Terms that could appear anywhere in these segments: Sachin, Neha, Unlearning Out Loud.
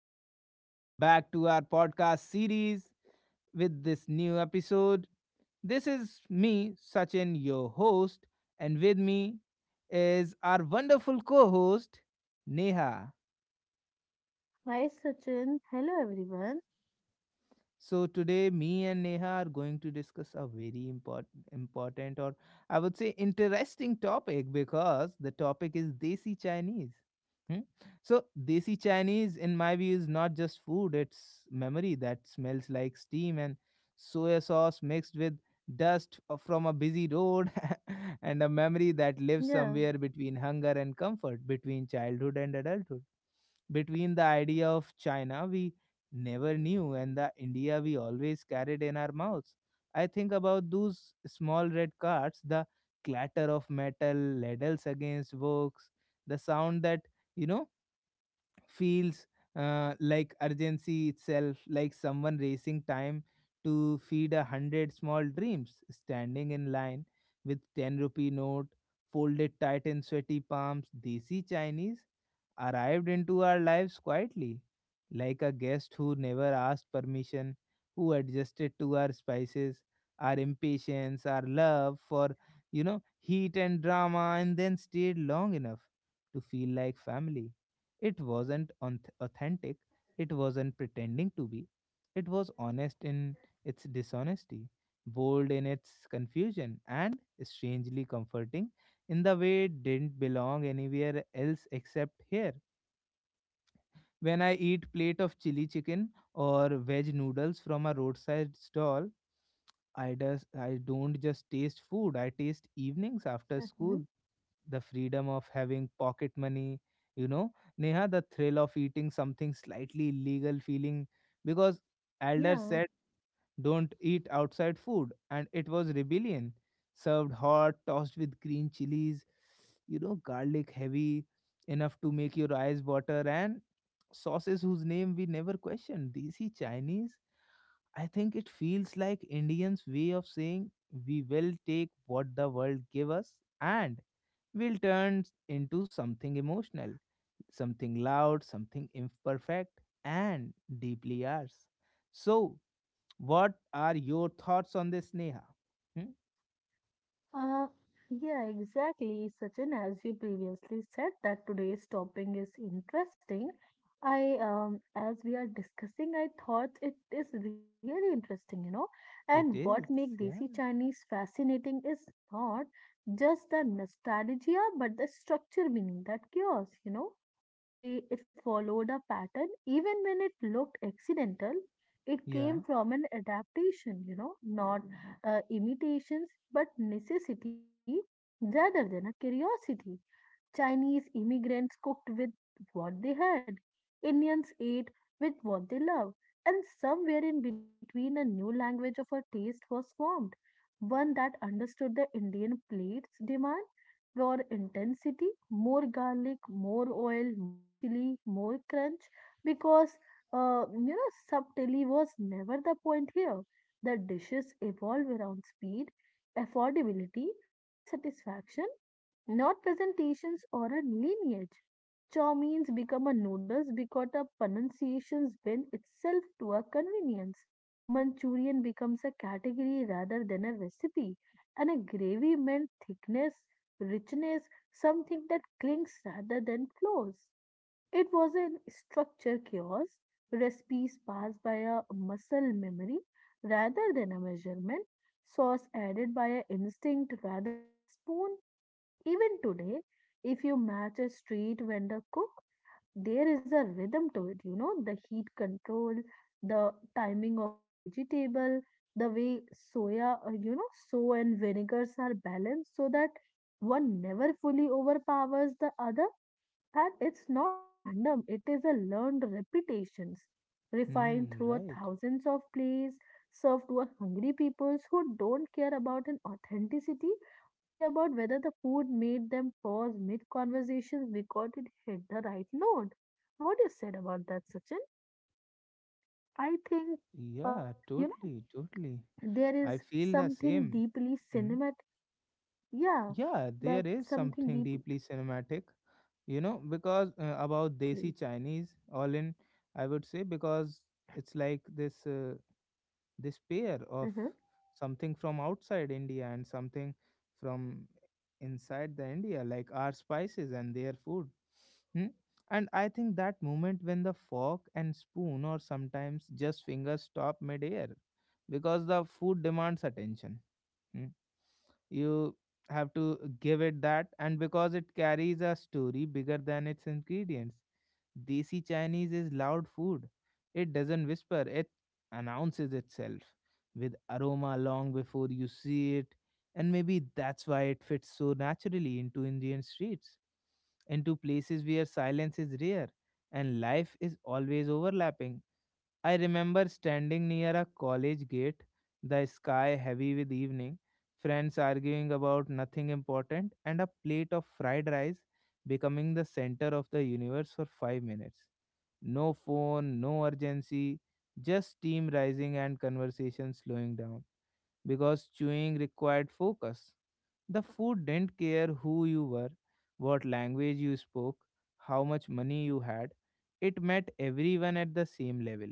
everyone. Welcome back to our podcast series with this new episode. This is me, Sachin, your host, and with me is our wonderful co host, Neha. Hi, Sachin. Hello, everyone. So today, me and Neha are going to discuss a very important, or I would say interesting topic because the topic is Desi Chinese. Hmm? So Desi Chinese, in my view, is not just food; it's memory that smells like steam and soya sauce mixed with from a busy road, and a memory that lives Yeah. somewhere between hunger and comfort, between childhood and adulthood, between the idea of China we never knew and the India we always carried in our mouths. I think about those small red cards, the clatter of metal ladles against books, the sound that, you know, feels like urgency itself, like someone racing time to feed a hundred small dreams, standing in line with 10 rupee note, folded tight in sweaty palms. Desi Chinese arrived into our lives quietly, like a guest who never asked permission, who adjusted to our spices, our impatience, our love for, heat and drama, and then stayed long enough to feel like family. It wasn't authentic, it wasn't pretending to be, it was honest in its dishonesty, bold in its confusion, and strangely comforting in the way it didn't belong anywhere else except here. When I eat plate of chili chicken or veg noodles from a roadside stall, I don't just taste food, I taste evenings after hmm school, the freedom of having pocket money, you know, Neha, the thrill of eating something slightly illegal feeling because elders Yeah. said don't eat outside food and it was rebellion. Served hot, tossed with green chilies, garlic heavy enough to make your eyes water and sauces whose name we never questioned. Desi Chinese, I think it feels like Indians' way of saying we will take what the world give us and we'll turn into something emotional, something loud, something imperfect, and deeply ours. So, what are your thoughts on this, Neha? Hmm? Uh, yeah, exactly, Sachin. As you previously said, that today's topic is interesting. I, as we are discussing, I thought it is really interesting, you know. And It what is, make Desi yeah, Chinese fascinating is not just the nostalgia, but the structure meaning that chaos, you know, the way it followed a pattern, even when it looked accidental, it came yeah, from an adaptation, you know, not imitations but necessity rather than a curiosity. Chinese immigrants cooked with what they had, Indians ate with what they loved, and somewhere in between, a new language of a taste was formed, one that understood the Indian plate's demand for intensity, more garlic, more oil, more chili, more crunch, because you know, subtlety was never the point here. The dishes evolve around speed, affordability, and satisfaction not presentations or a lineage. Chow means become a noodles because the pronunciations bend itself to a convenience. Manchurian becomes a category rather than a recipe, and a gravy meant thickness, richness, something that clings rather than flows. It was an structure chaos, recipes passed by a muscle memory rather than a measurement, sauce added by an instinct rather than a spoon, even today, if you match a street vendor cook, there is a rhythm to it, you know, the heat control, the timing of a vegetable, the way soya, you know, so and vinegars are balanced so that one never fully overpowers the other. And it's not a random, it is a learned repetitions, refined hmm, through a right, thousands of plays, served to a hungry peoples who don't care about an authenticity, only about whether the food made them pause mid conversations because it hit the right note. What you said about that, Sachin? I think, uh, yeah, you know, totally, totally. there I is feel the something same. deeply Hmm. cinematic. Yeah, Yeah, that there is something something deep. deeply cinematic, you know, because about Exactly. desi Chinese all in, I would say, because it's like this pair of something from outside India and something from inside the India, like our spices and their food. Hmm? And I think that moment when the fork and spoon, or sometimes just fingers, stop midair, because the food demands attention. Hmm? You have to give it that, and because it carries a story bigger than its ingredients, desi Chinese is loud food. It doesn't whisper, it announces itself with aroma long before you see it, and maybe that's why it fits so naturally into Indian streets, into places where silence is rare and life is always overlapping. I remember standing near a college gate, the sky heavy with evening, friends arguing about nothing important, and a plate of fried rice becoming the center of the universe for 5 minutes. No phone, no urgency, just steam rising and conversation slowing down because chewing required focus. The food didn't care who you were, what language you spoke, how much money you had. It met everyone at the same level.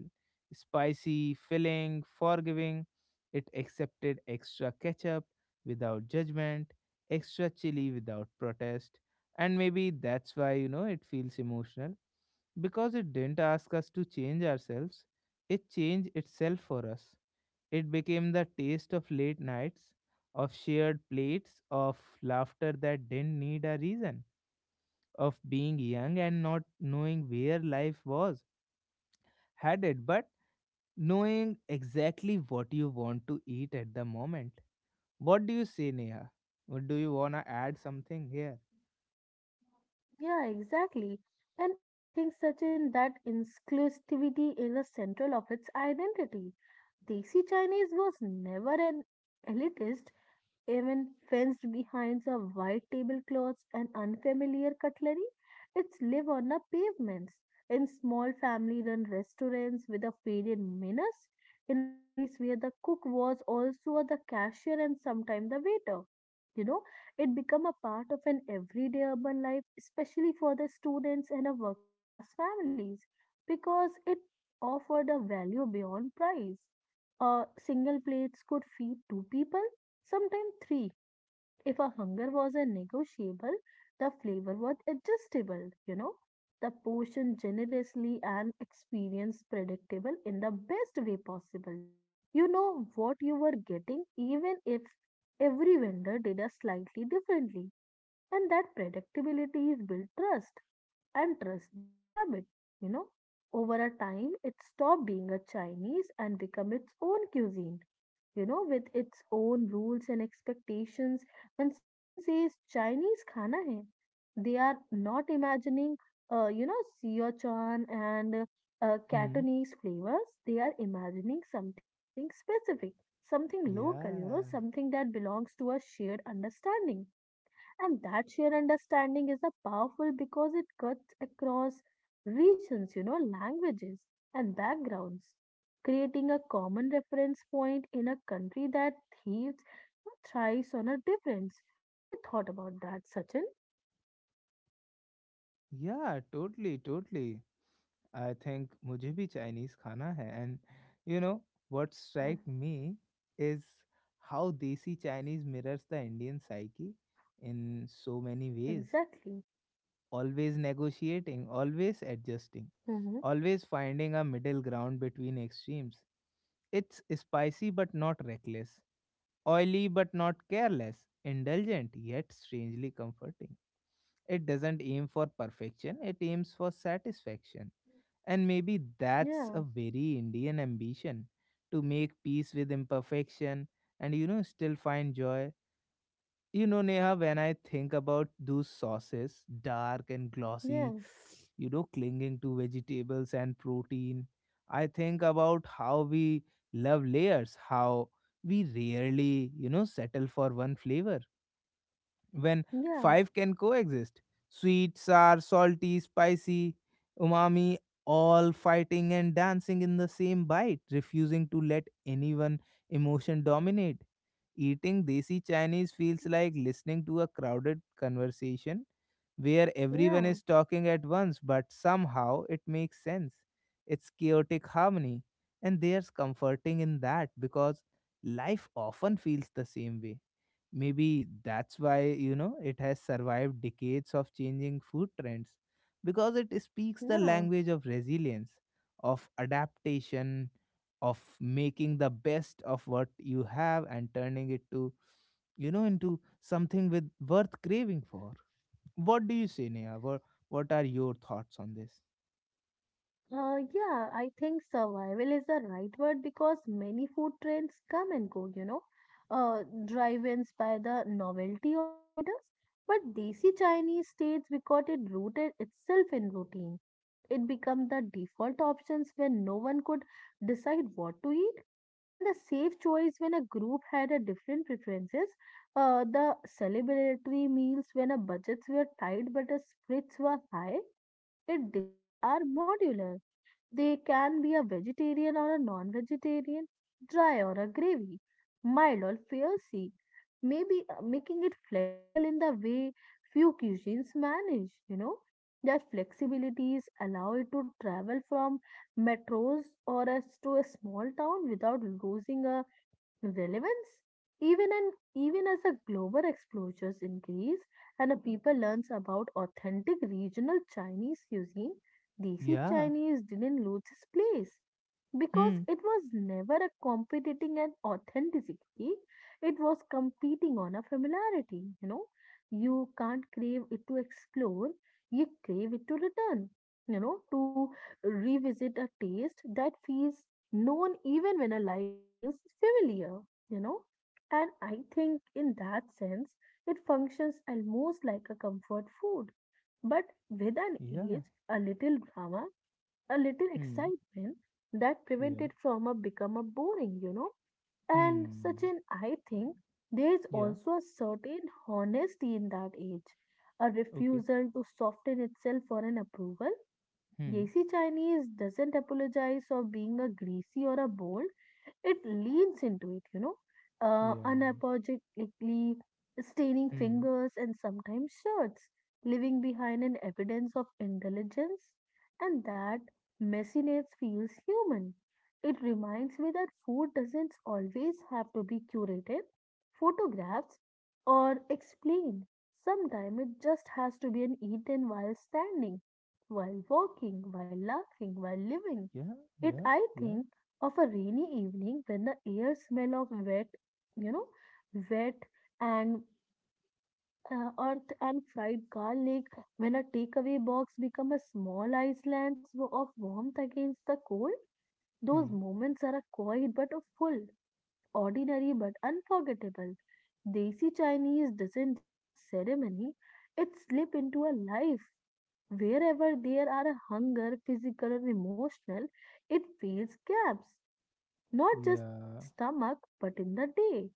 Spicy, filling, forgiving. It accepted extra ketchup without judgment, extra chili without protest. And maybe that's why, it feels emotional because it didn't ask us to change ourselves, it changed itself for us. It became the taste of late nights, of shared plates, of laughter that didn't need a reason, of being young and not knowing where life was headed, but knowing exactly what you want to eat at the moment. What do you say, Neha? What, do you wanna add something here? Yeah, exactly. And I think, Sachin, that inclusivity is the central of its identity. Desi Chinese was never an elitist even fenced behind the white tablecloths and unfamiliar cutlery. It's live on the pavements, in small family run restaurants with a faded menace, in a place where the cook was also the cashier and sometimes the waiter. You know, it become a part of an everyday urban life, especially for the students and a working class families, because it offered a value beyond price. Single plates could feed two people. Sometimes three, if a hunger was a negotiable, the flavor was adjustable, you know. The portion generously and experience predictable in the best way possible. You know what you were getting even if every vendor did a slightly differently. And that predictability is build trust and trust build habit, you know. Over a time it stopped being a Chinese and become its own cuisine, you know, with its own rules and expectations. When someone says Chinese khana hai, they are not imagining, you know, Sichuan and Hmm. Cantonese flavors. They are imagining something specific, something local, you know, Yeah. something that belongs to a shared understanding. And that shared understanding is a powerful because it cuts across regions, you know, languages and backgrounds, creating a common reference point in a country that thieves thrives on a difference. What you thought about that, Sachin? Yeah, totally, totally. I think मुझे भी Chinese खाना है, and you know what Yeah, strike me is how desi Chinese mirrors the Indian psyche in so many ways. exactly. Always negotiating, always adjusting, Hmm. always finding a middle ground between extremes. It's spicy but not reckless, oily but not careless, indulgent yet strangely comforting. It doesn't aim for perfection, it aims for satisfaction, and maybe that's Yeah, a very Indian ambition to make peace with imperfection and, still find joy. You know, Neha, when I think about those sauces, dark and yeah, glossy, clinging to vegetables and protein, I think about how we love layers, how we rarely, settle for one flavor when yeah, five can coexist. Sweet, sour, salty, spicy, umami, all fighting and dancing in the same bite, refusing to let anyone emotion dominate. Eating desi Chinese feels like listening to a crowded conversation where everyone yeah, is talking at once, but somehow it makes sense. It's chaotic harmony, and there's comforting in that because life often feels the same way. Maybe that's why, it has survived decades of changing food trends because it speaks the yeah. language of resilience, of adaptation, of making the best of what you have and turning it to, into something with worth craving for. What do you say, Neha? What are your thoughts on this? Yeah, I think survival is the right word because many food trends come and go, you know. Uh, Drive-ins by the novelty or status, but desi Chinese states because it rooted itself in routine. It became the default options when no one could decide what to eat, and the safe choice when a group had a different preferences. The celebratory meals when a budgets were tight but the spirits were high. It dishes are modular they can be a vegetarian or a non vegetarian, dry or a gravy, mild or fiery, maybe making it flexible in the way few cuisines manage, you know. That flexibilities allow it to travel from metros or as to a small town without losing a relevance even and even as the global exposures increase and the people learns about authentic regional Chinese cuisine, desi Yeah. Chinese didn't lose its place because Hmm. it was never a competing and authenticity, it was competing on a familiarity, you know. You can't crave it to explore, you crave it to return, you know, to revisit a taste that feels known even when a life feels familiar, you know. And I think in that sense it functions almost like a comfort food but with an Yeah. age a little drama a little Hmm. excitement that Yeah. prevented from a become a boring, you know. And such Hmm. an I think there is Yeah. also a certain honesty in that age, a Okay. refusal to soften itself for an approval. Hmm. Desi Chinese doesn't apologize for being a greasy or a bold. It leans into it, you know, Yeah. unapologetically staining Hmm. fingers and sometimes shirts, leaving behind an evidence of intelligence, and that messiness feels human. It reminds me that food doesn't always have to be curated, photographed, or explained. Sometimes it just has to be an eaten while standing while walking, while laughing, while living. Yeah. It, Yeah. I Yeah. think, of a rainy evening when the air smell of wet, you know, wet and earth and fried garlic, when a takeaway box become a small island of warmth against the cold. Those Hmm. moments are a quiet but a full, ordinary but unforgettable. Desi Chinese doesn't demand ceremony, it slips into a life. Wherever there are a hunger, physical or emotional, it fills gaps, not just in the Yeah. stomach but in the day,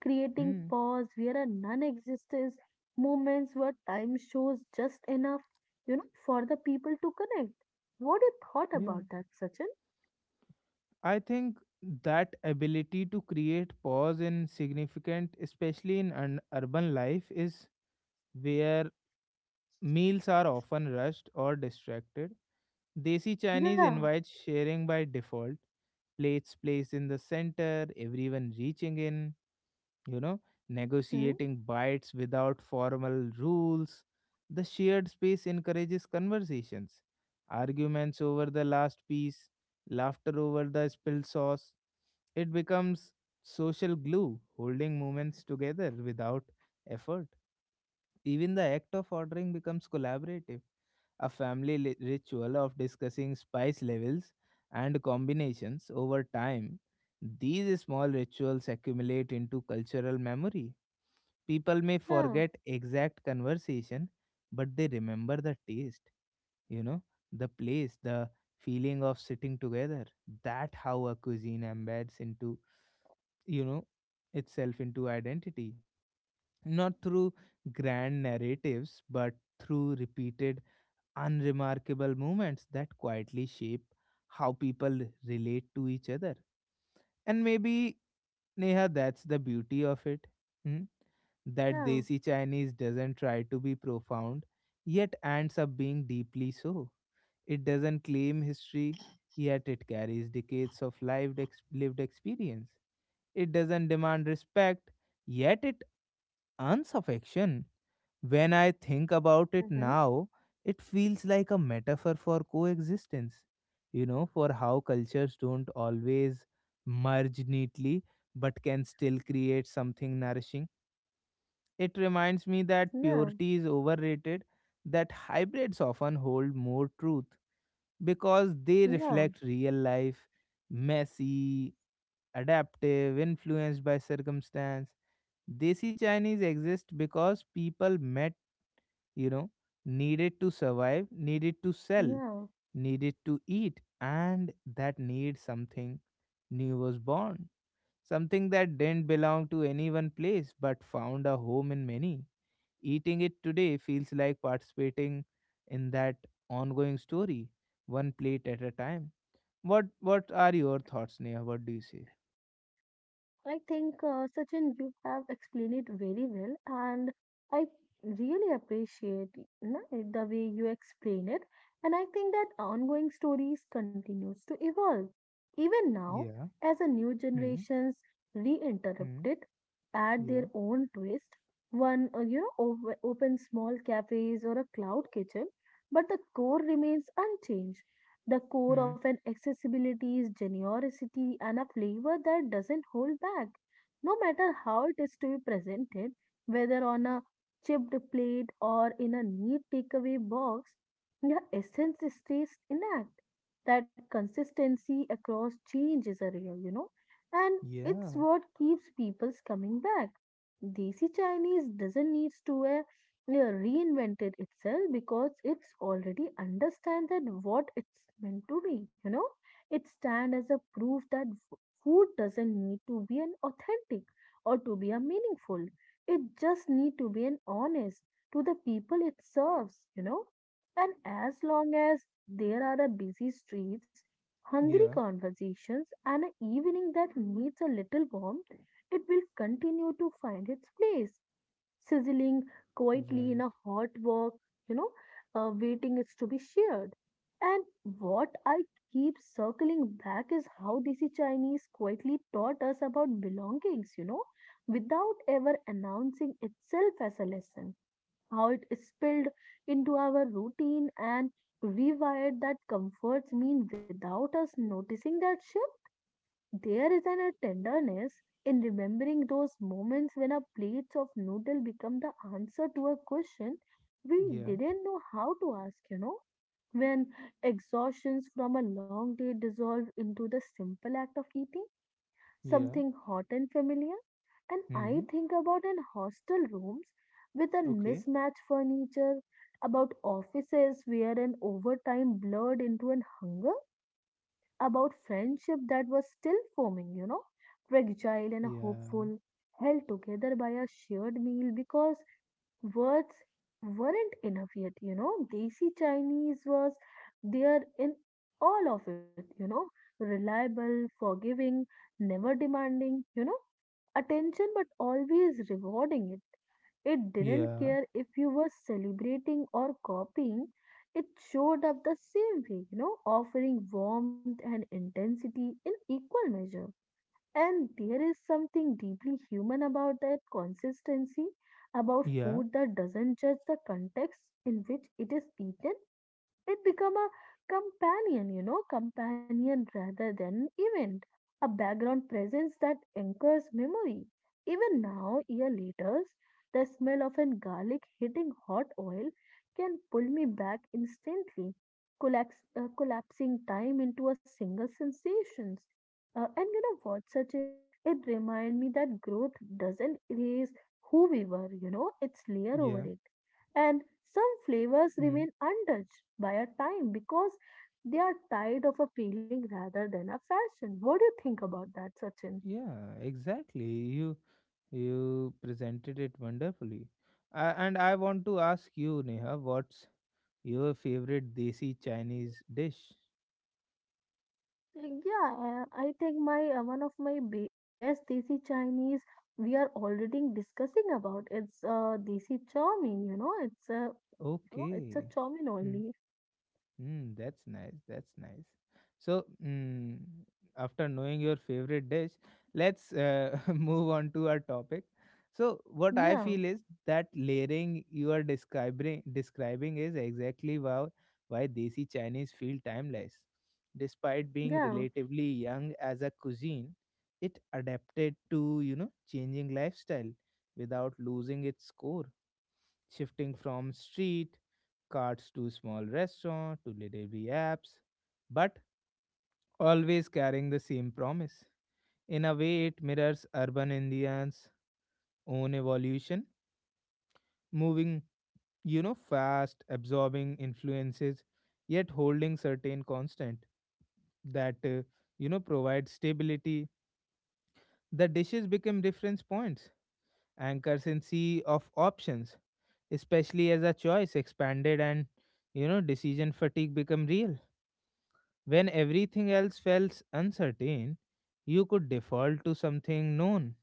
creating Hmm. pause where a non existence, moments where time shows just enough, you know, for the people to connect. What you thought Yeah. about that, Sachin? I think that ability to create pause in significant, especially in an urban life, is where meals are often rushed or distracted. Desi Chinese Yeah, invites sharing by default, plates placed in the center, everyone reaching in, you know, hmm, negotiating bites without formal rules. The shared space encourages conversations, arguments over the last piece, laughter over the spilled sauce. It becomes social glue, holding moments together without effort. Even the act of ordering becomes collaborative, a ritual of discussing spice levels and combinations. Over time, these small rituals accumulate into cultural memory. People may yeah, forget exact conversation, but they remember the taste, you know, the place, the feeling of sitting together. That how a cuisine embeds into, you know, itself into identity, not through grand narratives, but through repeated unremarkable moments that quietly shape how people relate to each other. And maybe, Neha, that's the beauty of it. Hmm? That yeah, Desi Chinese doesn't try to be profound, yet ends up being deeply so. It doesn't claim history, yet it carries decades of lived experience. It doesn't demand respect, yet it earns affection. When I think about it hmm now, it feels like a metaphor for coexistence, for how cultures don't always merge neatly but can still create something nourishing. It reminds me that yeah, purity is overrated, that hybrids often hold more truth because they yeah, reflect real life, messy, adaptive, influenced by circumstance. Desi Chinese exist because people met, you know, needed to survive, needed to sell, yeah. needed to eat, and that need something new was born. Something that didn't belong to any one place but found a home in many. Eating it today feels like participating in that ongoing story, one plate at a time. What are your thoughts, Neha? What do you say? I think, Sachin, you have explained it very well, and I really appreciate it, na, the way you explain it. And I think that ongoing stories continues to evolve even now Yeah. as a new Hmm. generations reinterrupt Hmm. it, add their Yeah. own twist. One, you know, open small cafes or a cloud kitchen, but the core remains unchanged the core Hmm. of an accessibility is generosity and a flavor that doesn't hold back, no matter how it is to be presented, whether on a chipped plate or in a neat takeaway box, the essence stays intact. That consistency across change is a real, you know, and it's Yeah. what keeps people's coming back. Desi Chinese doesn't need to reinvented itself because it's already understand that what it's meant to be, you know. It stands as a proof that food doesn't need to be an authentic or to be a meaningful, it just need to be an honest to the people it serves, you know. And as long as there are a busy streets, hungry Yeah. conversations and an evening that needs a little warmth, it will continue to find its place sizzling quietly in Right. a hot wok, you know, waiting is to be shared. And what I keep circling back is how desi Chinese quietly taught us about belongings, you know, without ever announcing itself as a lesson. How it is spilled into our routine and rewired that comforts mean without us noticing that shift, there is a tenderness in remembering those moments when a plate of noodle become the answer to a question we Yeah. didn't know how to ask, you know, when exhaustions from a long day dissolve into the simple act of eating Yeah. something hot and familiar. And I Hmm. think about in hostel rooms with a Okay. mismatched furniture, about offices where an overtime blurred into an hunger about friendship that was still forming, you know, fragile and Yeah, hopeful, held together by a shared meal because words weren't enough yet, you know. Desi Chinese was there in all of it, you know, reliable, forgiving, never demanding, you know, attention but always rewarding it. It didn't yeah, care if you were celebrating or copying, it showed up the same way, you know, offering warmth and intensity in equal measure. And there is something deeply human about that consistency, about yeah, food that doesn't judge the context in which it is eaten, it become a companion, you know, companion rather than an event, a background presence that anchors memory. Even now, year later, the smell of an garlic hitting hot oil can pull me back instantly, collapsing time into a single sensations. And you know what, Sachin? It remind me that growth doesn't erase who we were, you know, it's layer over yeah, it and some flavors hmm, remain untouched by a time because they are tied of a feeling rather than a fashion. What do you think about that, Sachin? yeah, exactly. You presented it wonderfully. I, and I want to ask you, Neha, what's your favorite desi Chinese dish? Yeah, I think my one of my be best desi Chinese we are already discussing about it's desi chow mein, you know, it's a you know, it's a Okay. chow mein Hmm, only. mm, that's nice. That's nice. So, mm, after knowing your favorite dish, let's move on to our topic. So, what I Yeah, feel is that layering you are describing is exactly why desi Chinese feel timeless. Despite being yeah, relatively young as a cuisine, it adapted to, changing lifestyle without losing its core, shifting from street carts to small restaurant to delivery apps, but always carrying the same promise. In a way, it mirrors urban Indians' own evolution, moving, fast, absorbing influences, yet holding certain constant that, provide stability. The dishes become reference points, anchors in sea of options, especially as a choice expanded and, decision fatigue become real. When everything else felt uncertain, you could default to something known,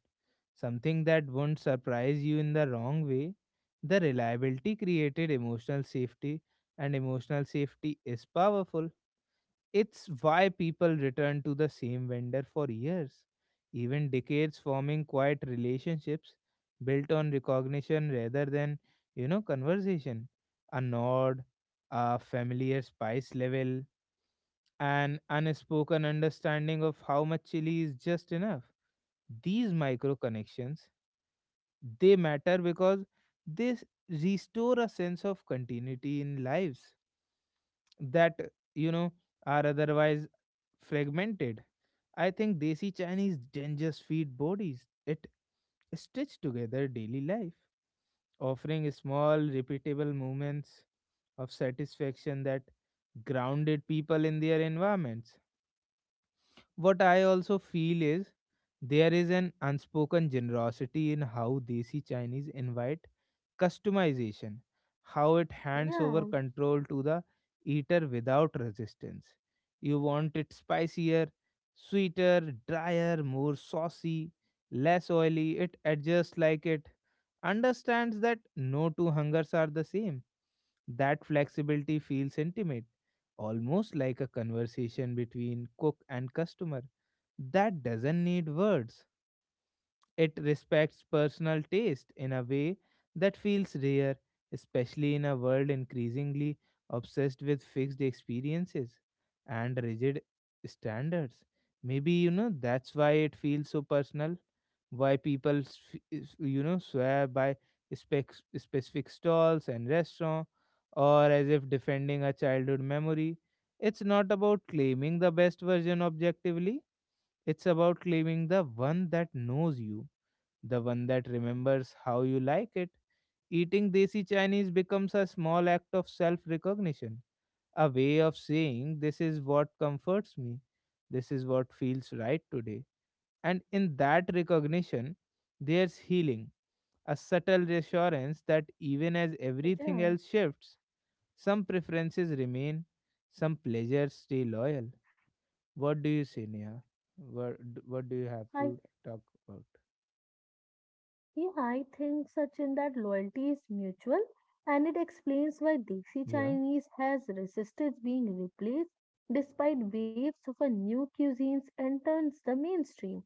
something that wouldn't surprise you in the wrong way. The reliability created emotional safety, and emotional safety is powerful. It's why people return to the same vendor for years, even decades, forming quiet relationships built on recognition rather than, conversation. A nod, a familiar spice level, an unspoken understanding of how much chili is just enough. These micro connections, they matter because they s- restore a sense of continuity in lives that, you know are otherwise fragmented. I think desi Chinese dangers feed bodies. It stitch together daily life, offering small, repeatable moments of satisfaction that grounded people in their environments. What I also feel is there is an unspoken generosity in how desi Chinese invite customization, how it hands over yeah, control to the eater without resistance. You want it spicier, sweeter, drier, more saucy, less oily. It adjusts like it understands that no two hungers are the same. That flexibility feels intimate, almost like a conversation between cook and customer that doesn't need words. It respects personal taste in a way that feels rare, especially in a world increasingly obsessed with fixed experiences and rigid standards. Maybe, that's why it feels so personal, why people swear by specific stalls and restaurants, or as if defending a childhood memory. It's not about claiming the best version objectively, it's about claiming the one that knows you, the one that remembers how you like it. Eating desi Chinese becomes a small act of self recognition, a way of saying, "This is what comforts me, this is what feels right today." And in that recognition, there's healing, a subtle reassurance that even as everything yeah. else shifts, some preferences remain, some pleasures stay loyal. What do you say, Neha? What, what do you have I to talk about? Yeah, I think, Sachin, that loyalty is mutual and it explains why Desi Yeah, Chinese has resisted being replaced despite waves of a new cuisines enters the mainstream.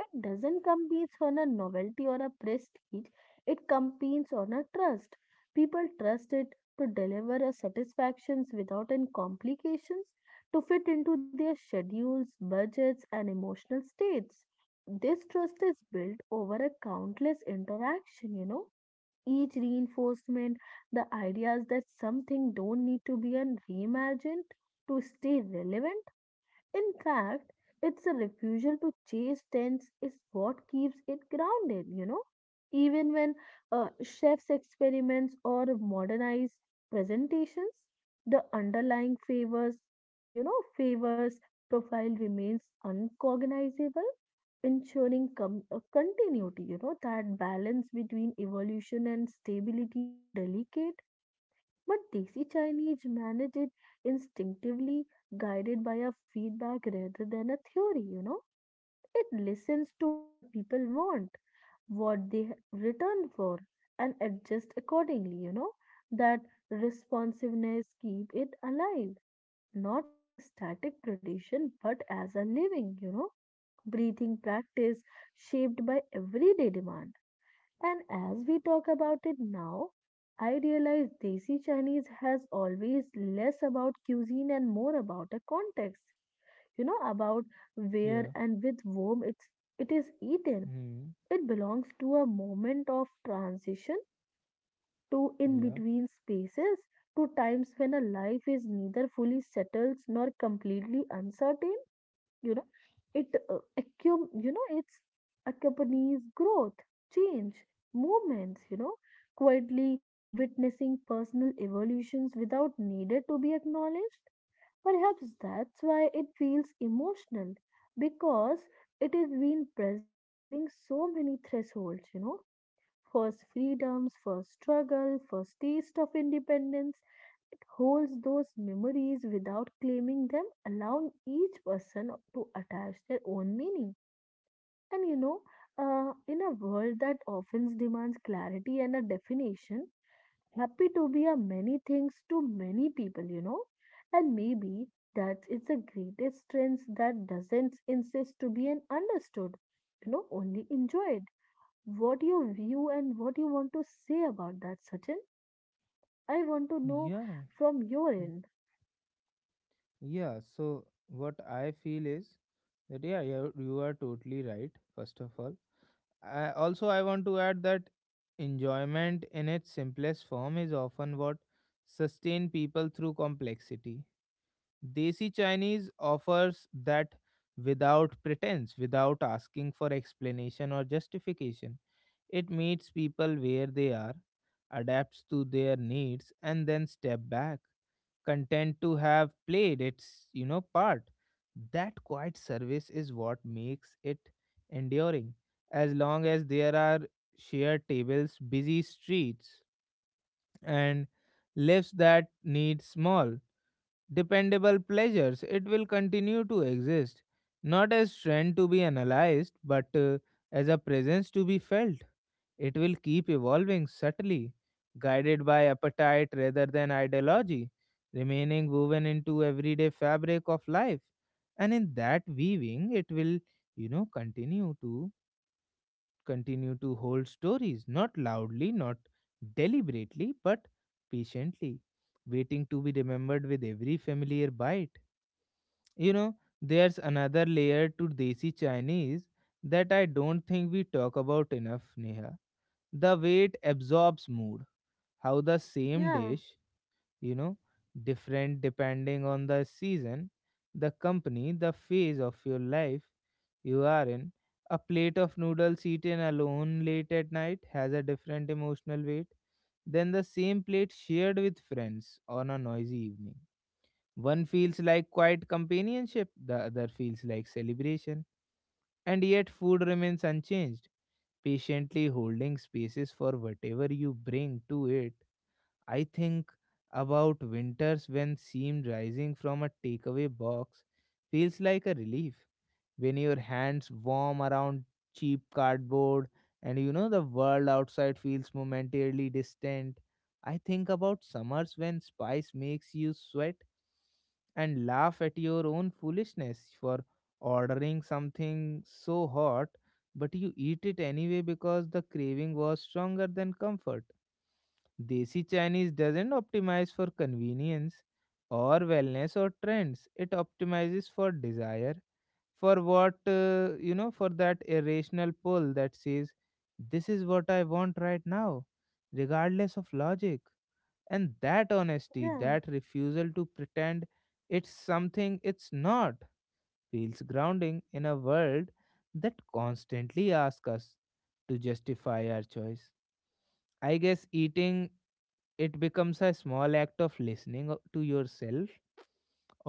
It doesn't compete on a novelty or a prestige, it competes on a trust. People trust it to deliver a satisfactions without any complications, to fit into their schedules, budgets, and emotional states. This trust is built over a countless interaction, you know. Each reinforcement, the ideas that something don't need to be reimagined to stay relevant. In fact, it's a refusal to chase trends is what keeps it grounded, you know. Even when chefs experiments or modernize presentations, the underlying favors, you know, favors profile remains uncognizable, ensuring continuity, you know, that balance between evolution and stability to delicate, but Desi Chinese manage it instinctively, guided by a feedback rather than a theory, you know. It listens to what people want, what they return for, and adjust accordingly, you know. That responsiveness keep it alive, not as a static tradition, but as a living, you know, breathing practice shaped by everyday demand. And as we talk about it now, I realize Desi Chinese has always less about cuisine and more about a context. You know, about where yeah. and with whom it's, it is eaten. Hmm. It belongs to a moment of transition, to in between spaces, to times when a life is neither fully settled nor completely uncertain, you know. It uh, accum you know it's accompanies growth, change, movements, you know, quietly witnessing personal evolutions without needed to be acknowledged. Perhaps that's why it feels emotional, because it has been present during so many thresholds, you know, first freedoms, first struggle, first taste of independence. It holds those memories without claiming them, allowing each person to attach their own meaning. And you know, in a world that often demands clarity and a definition, happy to be a many things to many people, you know, and maybe that it's a greatest strength that doesn't insist to be an understood, you know, only enjoyed. What your view and what you want to say about that, Sachin? I want to know Yeah, from your mm, end. yeah. So what I feel is that yeah, you are totally right. First of all, I also I want to add that enjoyment in its simplest form is often what sustain people through complexity. Desi Chinese offers that without pretense, without asking for explanation or justification. It meets people where they are, adapts to their needs, and then step back, content to have played its, you know, part. That quiet service is what makes it enduring. As long as there are shared tables, busy streets, and lives that need small dependable pleasures, it will continue to exist, not as trend to be analyzed, but as a presence to be felt. It will keep evolving subtly, guided by appetite rather than ideology, remaining woven into everyday fabric of life. And in that weaving, it will, you know, continue to hold stories, not loudly, not deliberately, but patiently, waiting to be remembered with every familiar bite. You know, there's another layer to Desi Chinese that I don't think we talk about enough, Neha. The weight absorbs mood, how the same Yeah, dish, you know, different depending on the season, the company, the phase of your life you are in. A plate of noodles eaten alone late at night has a different emotional weight than the same plate shared with friends on a noisy evening. One feels like quiet companionship, the other feels like celebration. And yet food remains unchanged, patiently holding spaces for whatever you bring to it. I think about winters when steam rising from a takeaway box feels like a relief, when your hands warm around cheap cardboard and you know the world outside feels momentarily distant. I think about summers when spice makes you sweat and laugh at your own foolishness for ordering something so hot, but you eat it anyway because the craving was stronger than comfort. Desi Chinese doesn't optimize for convenience or wellness or trends, it optimizes for desire, for what, you know, for that irrational pull that says, this is what I want right now, regardless of logic. And that honesty, yeah, that refusal to pretend it's something it's not, feels grounding in a world that constantly asks us to justify our choice. I guess eating it becomes a small act of listening to yourself,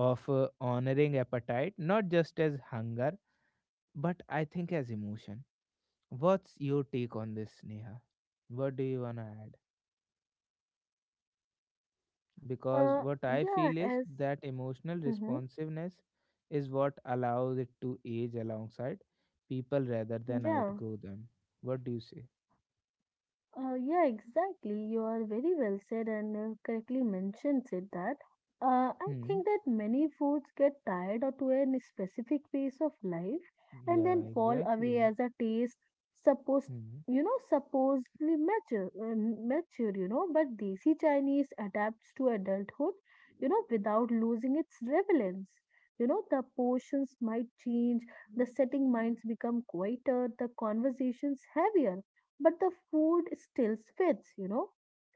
of honoring appetite not just as hunger, but I think as emotion. What's your take on this, Neha? What do you want to add? Because uh, what I yeah, feel is as, that emotional mm-hmm, responsiveness is what allows it to age alongside people rather than yeah. outgrow them. What do you say? Yeah, exactly. You are very well said and correctly mentioned it that. I Hmm. think that many foods get tired or to a specific phase of life and Yeah, then fall away exactly. as a taste supposed, Hmm. you know, supposedly mature, you know, but desi Chinese adapts to adulthood, you know, without losing its relevance. You know, the portions might change, the setting minds become quieter, the conversations heavier, but the food still fits, you know.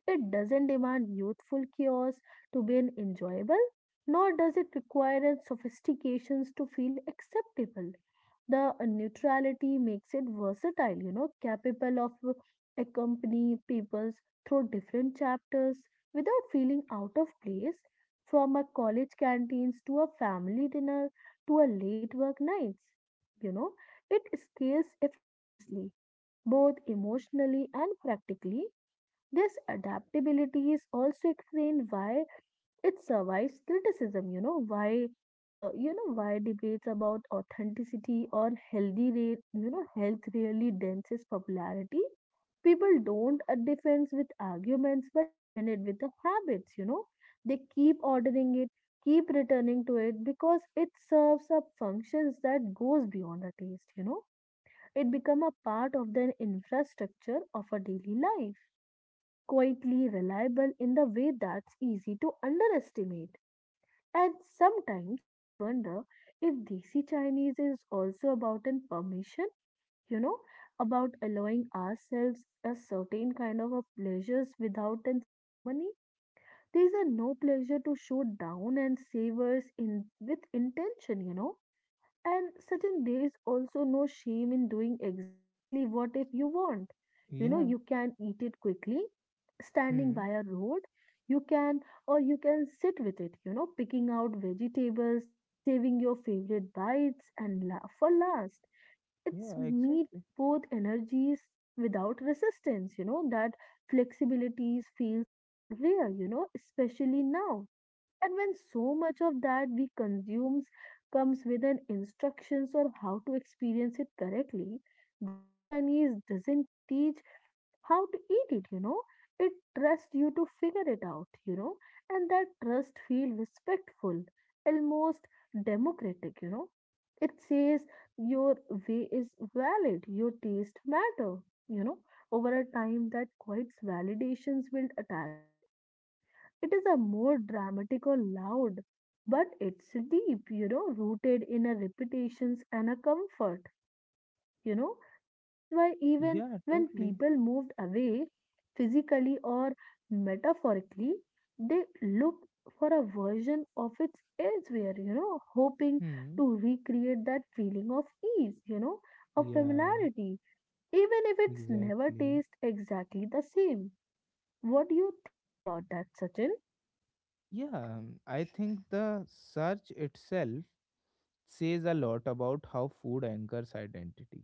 It doesn't demand youthful chaos to be an enjoyable, nor does it require a sophistications to feel acceptable. The neutrality makes it versatile, you know, capable of accompanying peoples through different chapters without feeling out of place, from a college canteens to a family dinner to a late work nights. You know, it scales effortlessly both emotionally and practically. This adaptability is also explained why it survives criticism, you know, why why debates about authenticity or healthy rate, you know, health really dents popularity. People don't defend with arguments but defend it with the habits, you know. They keep ordering it, keep returning to it because it serves up functions that goes beyond a taste, you know, it become a part of the infrastructure of our daily life, quietly reliable in the way that's easy to underestimate. And sometimes I wonder if desi Chinese is also about an permission, you know, about allowing ourselves a certain kind of a pleasures without an ceremony. There is a no pleasure to show down and savors in with intention, you know, and certain days also no shame in doing exactly what if you want. You know, Yeah. you can eat it quickly, standing Hmm. by a road. You can, or you can sit with it, you know, picking out vegetables, saving your favorite bites and for last. It's Yeah, meet exactly. both energies without resistance, you know, that flexibilities feels rare, you know, especially now, and when so much of that we consumes comes with an instructions on how to experience it correctly, Desi Chinese doesn't teach how to eat it, you know. It trusts you to figure it out, you know, and that trust feel respectful, almost democratic, you know. It says your way is valid, your taste matter, you know. Over a time that quiets validations build attachment, it is a more dramatic or loud, but it's deep, you know, rooted in a reputations and a comfort, you know. That's why even Yeah, when totally. people moved away physically or metaphorically, they look for a version of it elsewhere, you know, hoping Hmm. to recreate that feeling of ease, you know, of Yeah, familiarity, even if it's never exactly. tastes exactly the same. What do you think about that, Sachin? Yeah, I think the search itself says a lot about how food anchors identity.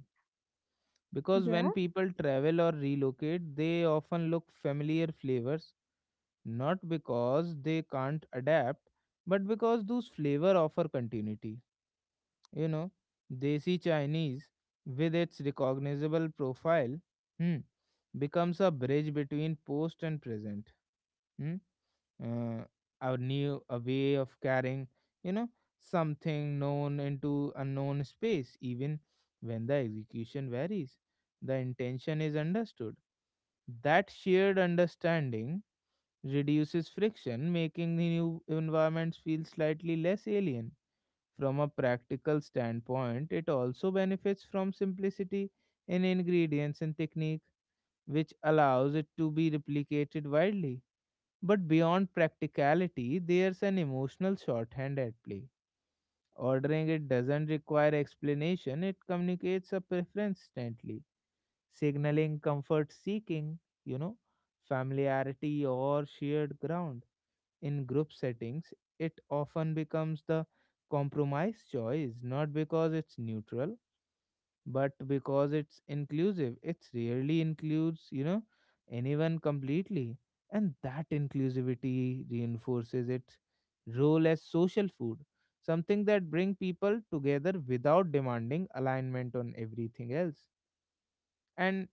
Because Yeah, when people travel or relocate, they often look familiar flavors, not because they can't adapt, but because those flavor offer continuity. You know, desi Chinese, with its recognizable profile, hmm, becomes a bridge between post and present. Hmm? uh, a new a way of carrying, you know, something known into unknown space. Even when the execution varies, the intention is understood. That shared understanding reduces friction, making the new environments feel slightly less alien. From a practical standpoint, it also benefits from simplicity in ingredients and technique, which allows it to be replicated widely. But beyond practicality, there's an emotional shorthand at play. Ordering it doesn't require explanation, it communicates a preference instantly, signaling comfort seeking, you know, familiarity or shared ground. In group settings, it often becomes the compromise choice, not because it's neutral but because it's inclusive. It rarely includes, you know, anyone completely, and that inclusivity reinforces its role as social food, something that bring people together without demanding alignment on everything else. And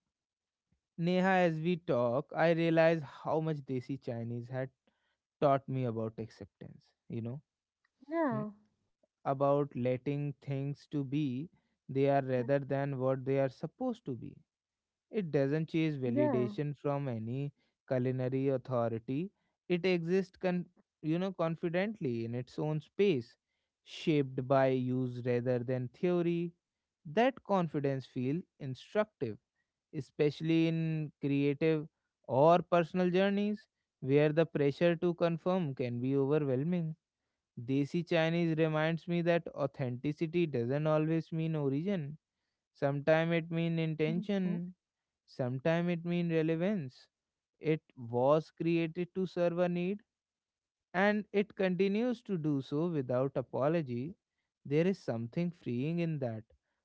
Neha, as we talk, I realize how much desi Chinese had taught me about acceptance, you know. Hmm, yeah. about letting things to be they are Mhm. rather than what they are supposed to be. It doesn't chase Yeah, validation from any culinary authority. It exists, you know, confidently in its own space, shaped by use rather than theory. That confidence feels instructive, especially in creative or personal journeys where the pressure to confirm can be overwhelming. Desi Chinese reminds me that authenticity doesn't always mean origin. Sometimes it means mhm, mhm. intention. Sometimes it means relevance. It was created to serve a need and it continues to do so without apology. There is something freeing in that.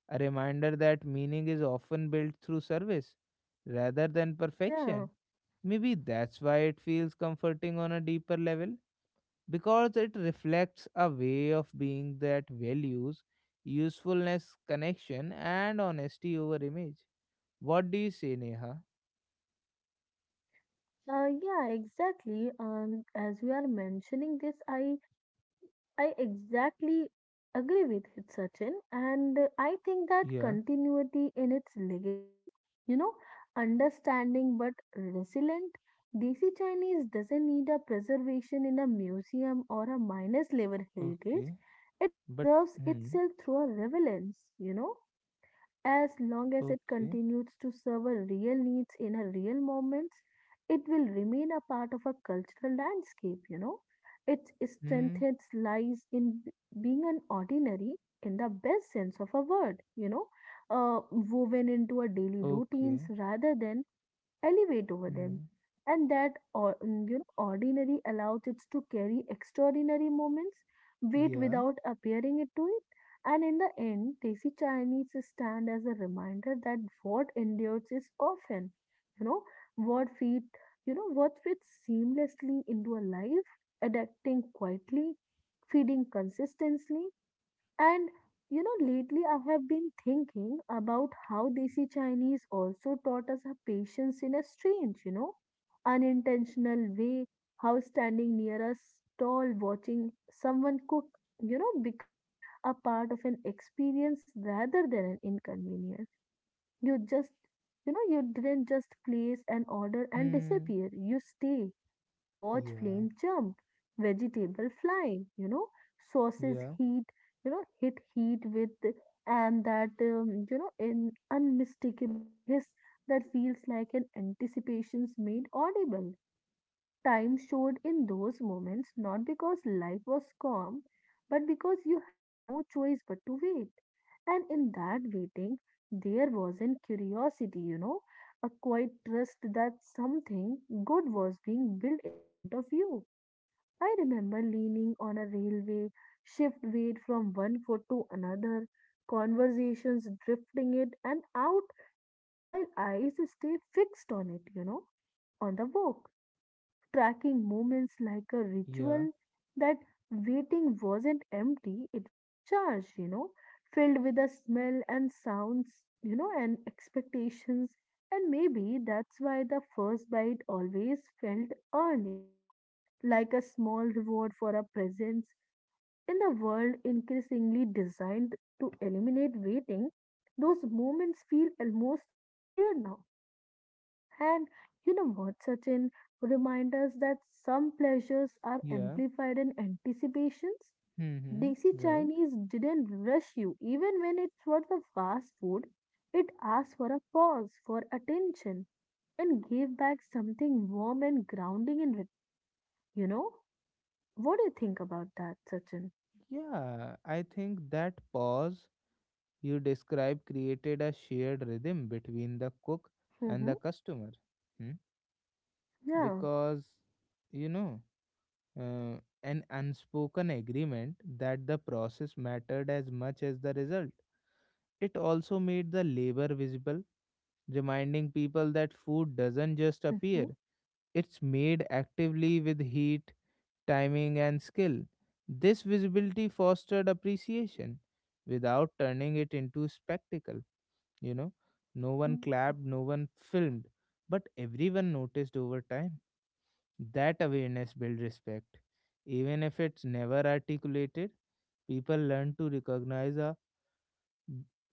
A reminder that meaning is often built through service rather than yeah, perfection. Maybe that's why it feels comforting on a deeper level, because it reflects a way of being that values usefulness, connection, and honesty over image. What do you say, Neha? Yeah, exactly. As you are mentioning this, I exactly agree with it, Sachin, and I think that Yeah. continuity in its legacy, you know, understanding but resilient. Desi Chinese doesn't need a preservation in a museum or a minus level heritage. Okay, It but preserves hmm. itself through a relevance, you know. As long as it Okay. continues to serve our real needs in our real moments, it will remain a part of our cultural landscape, you know. Its Hmm. strength lies in being an ordinary in the best sense of a word, you know, woven into our daily routines Okay. rather than elevate over them. Hmm. And that you know, ordinary allows it to carry extraordinary moments, weight Yeah. without appearing it to it. And in the end, Desi Chinese stand as a reminder that what endures is often, you know, what fit, you know, what fits seamlessly into a life, adapting quietly, feeding consistently, and you know, lately I have been thinking about how Desi Chinese also taught us our patience in a strange, you know, unintentional way. How standing near a stall watching someone cook, you know, become a part of an experience rather than an inconvenience. You just, you didn't just place an order and Hmm. disappear. You stay. You watch Yeah. flame jump, vegetable fly, you know, sauces Yeah. heat, you know, hit heat with, and that, you know, an unmistakable hiss that feels like an anticipation's made audible. Time showed in those moments not because life was calm, but because you had no choice but to wait. And in that waiting, there was an curiosity, you know, a quiet trust that something good was being built in front of you. I remember leaning on a railway, shift weight from one foot to another, conversations drifting it and out while eyes stay fixed on it, you know, on the walk tracking moments like a Yeah. ritual. That waiting wasn't empty, it was charged, you know, filled with a smell and sounds, you know, and expectations. And maybe that's why the first bite always felt earned, you know, like a small reward for a presence in a world increasingly designed to eliminate waiting. Those moments feel almost scared now, and you know what, Sachin? Remind us that some pleasures are Yeah. amplified in anticipations. Hmm. Hmm. Desi Right. Chinese didn't rush you, even when it was a fast food. It asked for a pause, for attention, and gave back something warm and grounding in return. You know? What do you think about that, Sachin? Yeah. I think that pause you describe created a shared rhythm between the cook and Mm-hmm. the customer. Hmm. Yeah. Because, you know, an unspoken agreement that the process mattered as much as the result. It also made the labor visible, reminding people that food doesn't just Mm-hmm. appear, it's made actively with heat, timing, and skill. This visibility fostered appreciation without turning it into a spectacle. You know, no one Yeah. clapped, no one filmed, but everyone noticed over time. That awareness built respect. Even if it's never articulated, people learn to recognize a,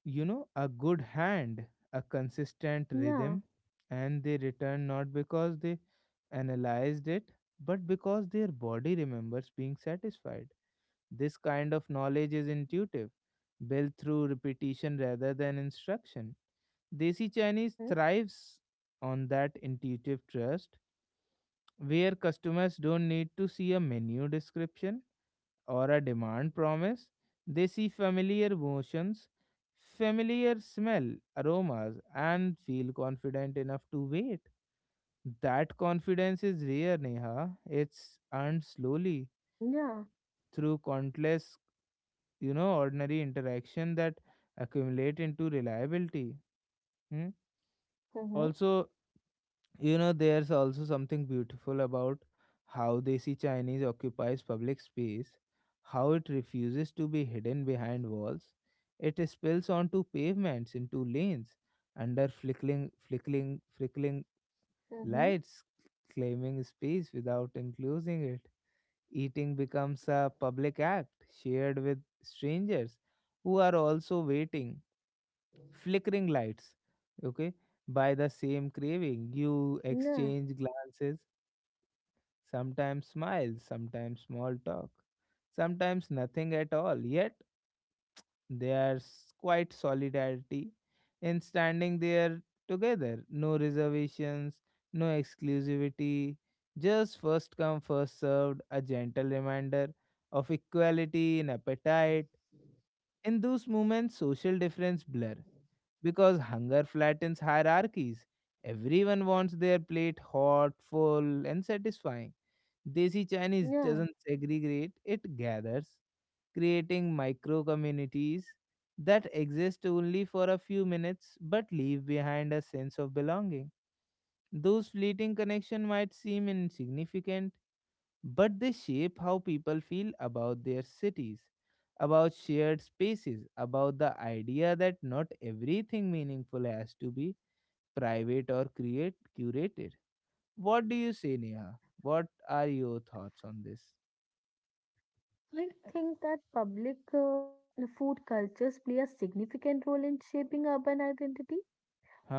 you know, a good hand, a consistent Yeah. rhythm, and they return not because they analyzed it, but because their body remembers being satisfied. This kind of knowledge is intuitive, built through repetition rather than instruction. Desi Chinese Mm-hmm. thrives on that intuitive trust, where customers don't need to see a menu description or a demand promise, they see familiar motions, familiar smell, aromas, and feel confident enough to wait. That confidence is rare, Neha. It's earned slowly Yeah. through countless, you know, ordinary interaction that accumulate into reliability. Hmm? Mm-hmm. Also, you know, there's also something beautiful about how Desi Chinese occupies public space, how it refuses to be hidden behind walls. It spills onto pavements, into lanes, under flickering Mm-hmm. lights, claiming space without enclosing it. Eating becomes a public act shared with strangers who are also waiting, flickering lights, okay, by the same craving. You Yeah. exchange glances, sometimes smiles, sometimes small talk, sometimes nothing at all, yet there's quite solidarity in standing there together. No reservations, no exclusivity, just first come first served, a gentle reminder of equality in appetite. In those moments social difference blur, because hunger flattens hierarchies. Everyone wants their plate hot, full, and satisfying. Desi Chinese Yeah. doesn't segregate, it gathers, creating micro communities that exist only for a few minutes but leave behind a sense of belonging. Those fleeting connections might seem insignificant but they shape how people feel about their cities, about shared spaces, about the idea that not everything meaningful has to be private or create curated. What do you say, Neha? What are your thoughts on this? I think that public food cultures play a significant role in shaping urban identity.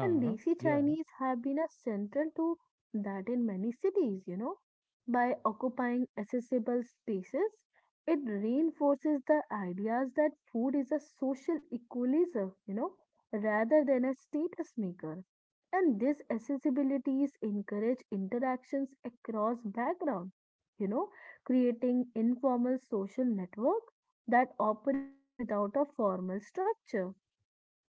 And Desi Yeah. Chinese have been a central to that in many cities, you know. By occupying accessible spaces, it reinforces the ideas that food is a social equalizer, you know, rather than a status maker. And these accessibilities encourage interactions across background, you know, creating informal social network that operates without a formal structure.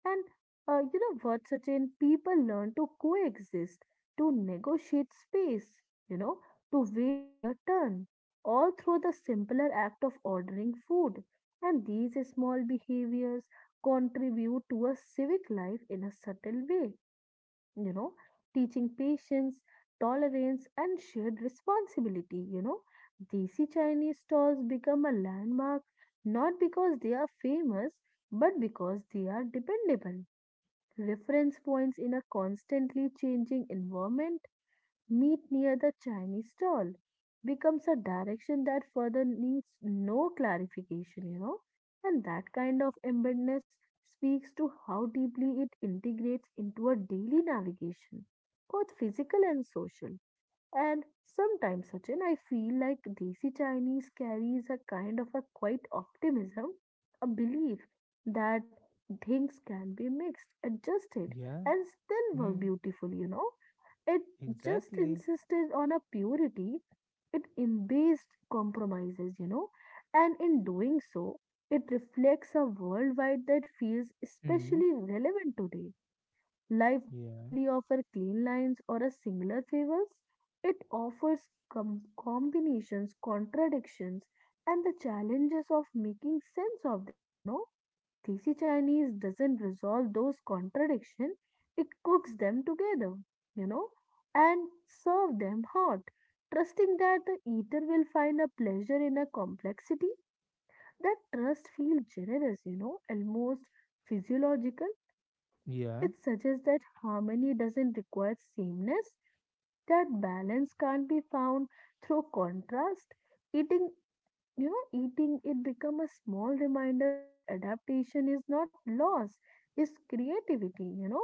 And you know what, Sachin? People learn to coexist, to negotiate space, you know, to wait their turn, all through the simpler act of ordering food. And these small behaviors contribute to a civic life in a subtle way, you know, teaching patience, tolerance, and shared responsibility, you know. Desi Chinese stalls become a landmark not because they are famous but because they are dependable reference points in a constantly changing environment. Meet near the Chinese stall becomes a direction that further needs no clarification, you know, and that kind of embeddedness speaks to how deeply it integrates into our daily navigation, both physical and social. And sometimes, Sachin, I feel like Desi Chinese carries a kind of a quiet optimism, a belief that things can be mixed, adjusted, Yeah. and still work Hmm. beautifully, you know. It just Exactly. insisted on a purity, it embraced compromises, you know, and in doing so, it reflects a worldwide that feels Hmm. especially relevant today. Life Yeah. rarely offers clean lines or a singular favors. It offers combinations, contradictions, and the challenges of making sense of them, you know. Desi Chinese doesn't resolve those contradictions, it cooks them together, you know, and serve them hot, trusting that the eater will find a pleasure in a complexity. That trust feels generous, you know, almost physiological. Yeah. It suggests that harmony doesn't require sameness, that balance can't be found through contrast. Eating, eating it become a small reminder that adaptation is not loss, is creativity, you know.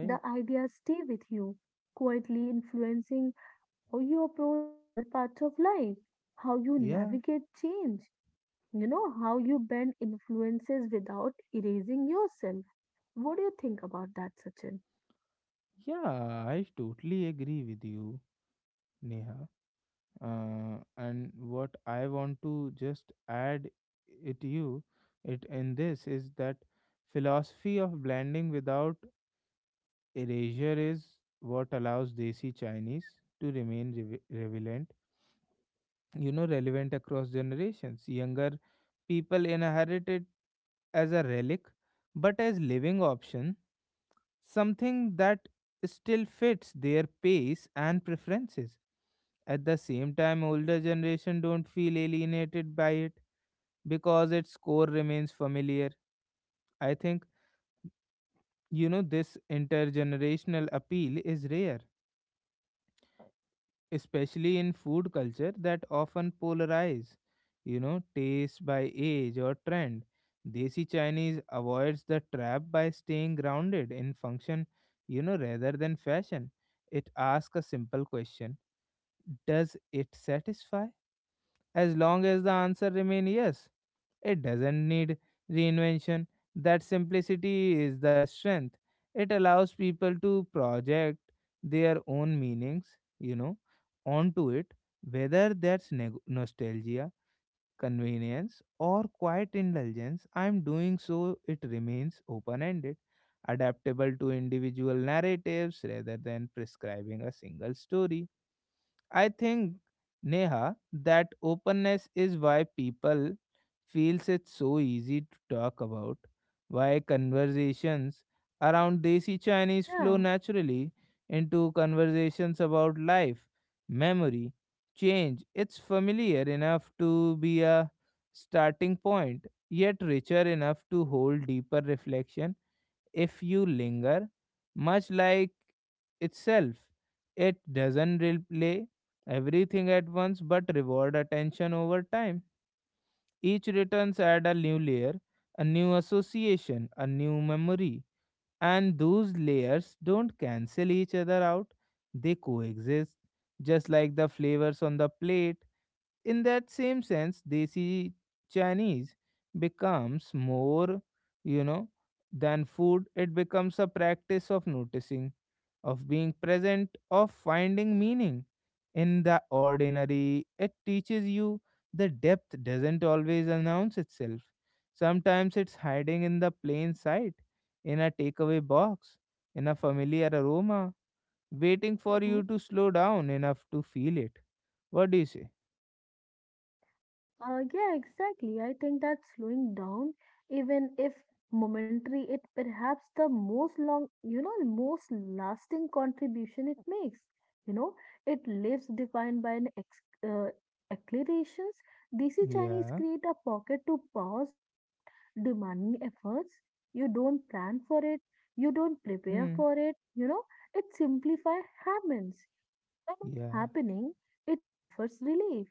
The ideas stay with you, quietly influencing how you approach other parts of life, how you Yeah. navigate change, you know, how you bend influences without erasing yourself. What do you think about that, Sachin? Yeah. I totally agree with you, Neha. And what I want to just add it you it in this is that philosophy of blending without erasure is what allows desi Chinese to remain relevant, you know, relevant across generations. Younger people inherit it as a relic but as living option, something that still fits their pace and preferences. At the same time, older generation don't feel alienated by it because its core remains familiar. I think, you know, this intergenerational appeal is rare, especially in food culture that often polarize, you know, taste by age or trend. Desi Chinese avoids the trap by staying grounded in function, you know, rather than fashion. It asks a simple question: does it satisfy? As long as the answer remains yes, it doesn't need reinvention. That simplicity is the strength. It allows people to project their own meanings, you know, onto it, whether that's nostalgia, convenience, or quiet indulgence. I'm doing so, it remains open ended, adaptable to individual narratives rather than prescribing a single story. I think Neha, that openness is why people feels it's so easy to talk about, why conversations around desi Chinese flow Yeah. naturally into conversations about life, memory, change. It's familiar enough to be a starting point, yet richer enough to hold deeper reflection if you linger, much like itself. It doesn't replay everything at once but reward attention over time. Each returns add a new layer, a new association, a new memory, and those layers don't cancel each other out, they coexist, just like the flavors on the plate in that same sense desi chinese becomes more you know than food. It becomes a practice of noticing, of being present, of finding meaning in the ordinary. It teaches you the depth doesn't always announce itself, sometimes it's hiding in the plain sight, in a takeaway box, in a familiar aroma, waiting for you to slow down enough to feel it. What do you say? Yeah, exactly. I think that slowing down, even if momentary, it perhaps the most long, you know, most lasting contribution it makes. You know, it lives defined by an ex uh, acclarations. Desi Chinese Yeah. create a pocket to pause without demanding efforts. You don't plan for it. You don't prepare Mm. for it. You know, it simplify happens. And in Yeah. happening, it offers relief,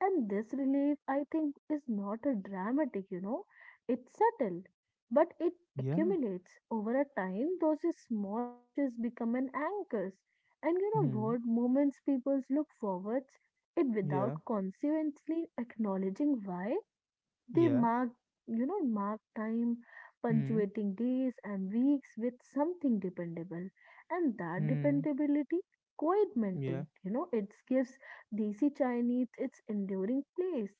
and this relief, I think, is not a dramatic, you know, it's subtle, but it Yeah. accumulates over a time. Those small pushes become an anchors, and you know Hmm. what moments people look forwards it Yeah. without consequently acknowledging why they Yeah. mark time, Hmm. punctuating days and weeks with something dependable. And that Hmm. dependability, quite Yeah. maintained, you know, it gives Desi Chinese its enduring place.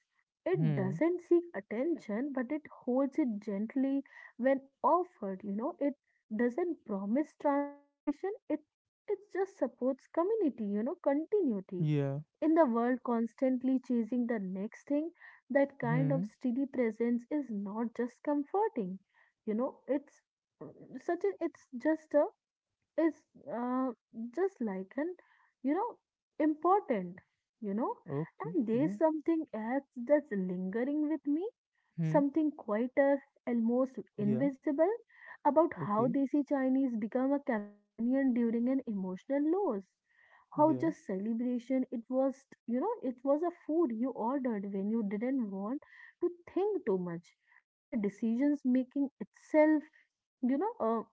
It Hmm. doesn't seek attention, but it holds it gently when offered, you know, it doesn't promise transformation, it just supports community, you know, continuity Yeah. in the world constantly chasing the next thing, that kind of Hmm. steady presence is not just comforting, you know, it's uh, such a it's uh, just like an you know important you know Okay. And there's Yeah. something else that's lingering with me, Hmm. something quieter, almost Yeah. invisible, about how Okay. they see chinese become a companion during an emotional loss, how Yeah. just celebration it was, you know, it was a food you ordered when you didn't want to think too much, when a decision's making itself, you know,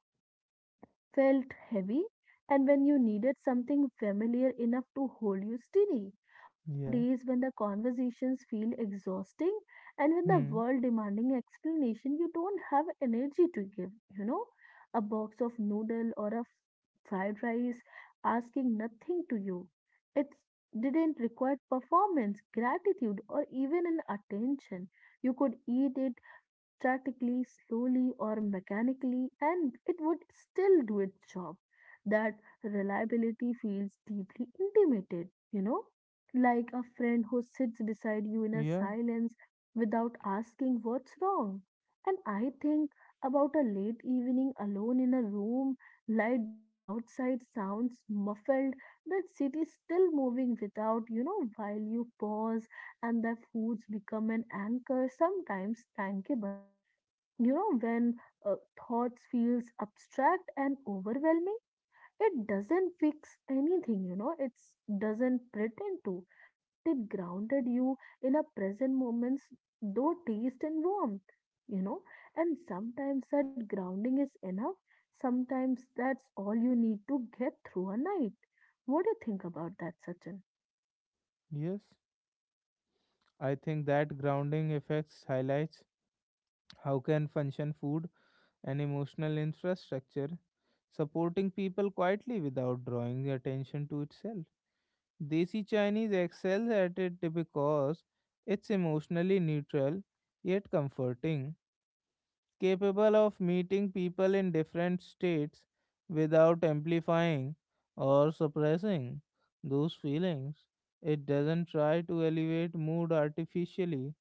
felt heavy, and when you needed something familiar enough to hold you steady. On the Yeah. days when the conversations feel exhausting and with the Hmm. world demanding explanation, you don't have energy to give, you know, a box of noodle or a fried rice asking nothing to you. It didn't require performance, gratitude, or even an attention. You could eat it distractingly, slowly, or mechanically, and it would still do its job. That reliability feels deeply intimated, you know, like a friend who sits beside you in a Yeah. silence without asking what's wrong. And I think about a late evening alone in a room, light dim outside, sounds muffled, that city still moving without, you know, while you pause and their foods become an anchor, sometimes tangible. You know, when uh, thoughts feels abstract and overwhelming, it doesn't fix anything, you know, it doesn't pretend to, but it grounded you in a present moments, though taste and warmth, you know, and sometimes that grounding is enough. Sometimes that's all you need to get through a night. What do you think about that, Sachin? Yes. I think that grounding effects highlights how can function food and emotional infrastructure supporting people quietly without drawing attention to itself. Desi Chinese excels at it because it's emotionally neutral yet comforting, capable of meeting people in different states without amplifying or suppressing those feelings. It doesn't try to elevate mood artificially,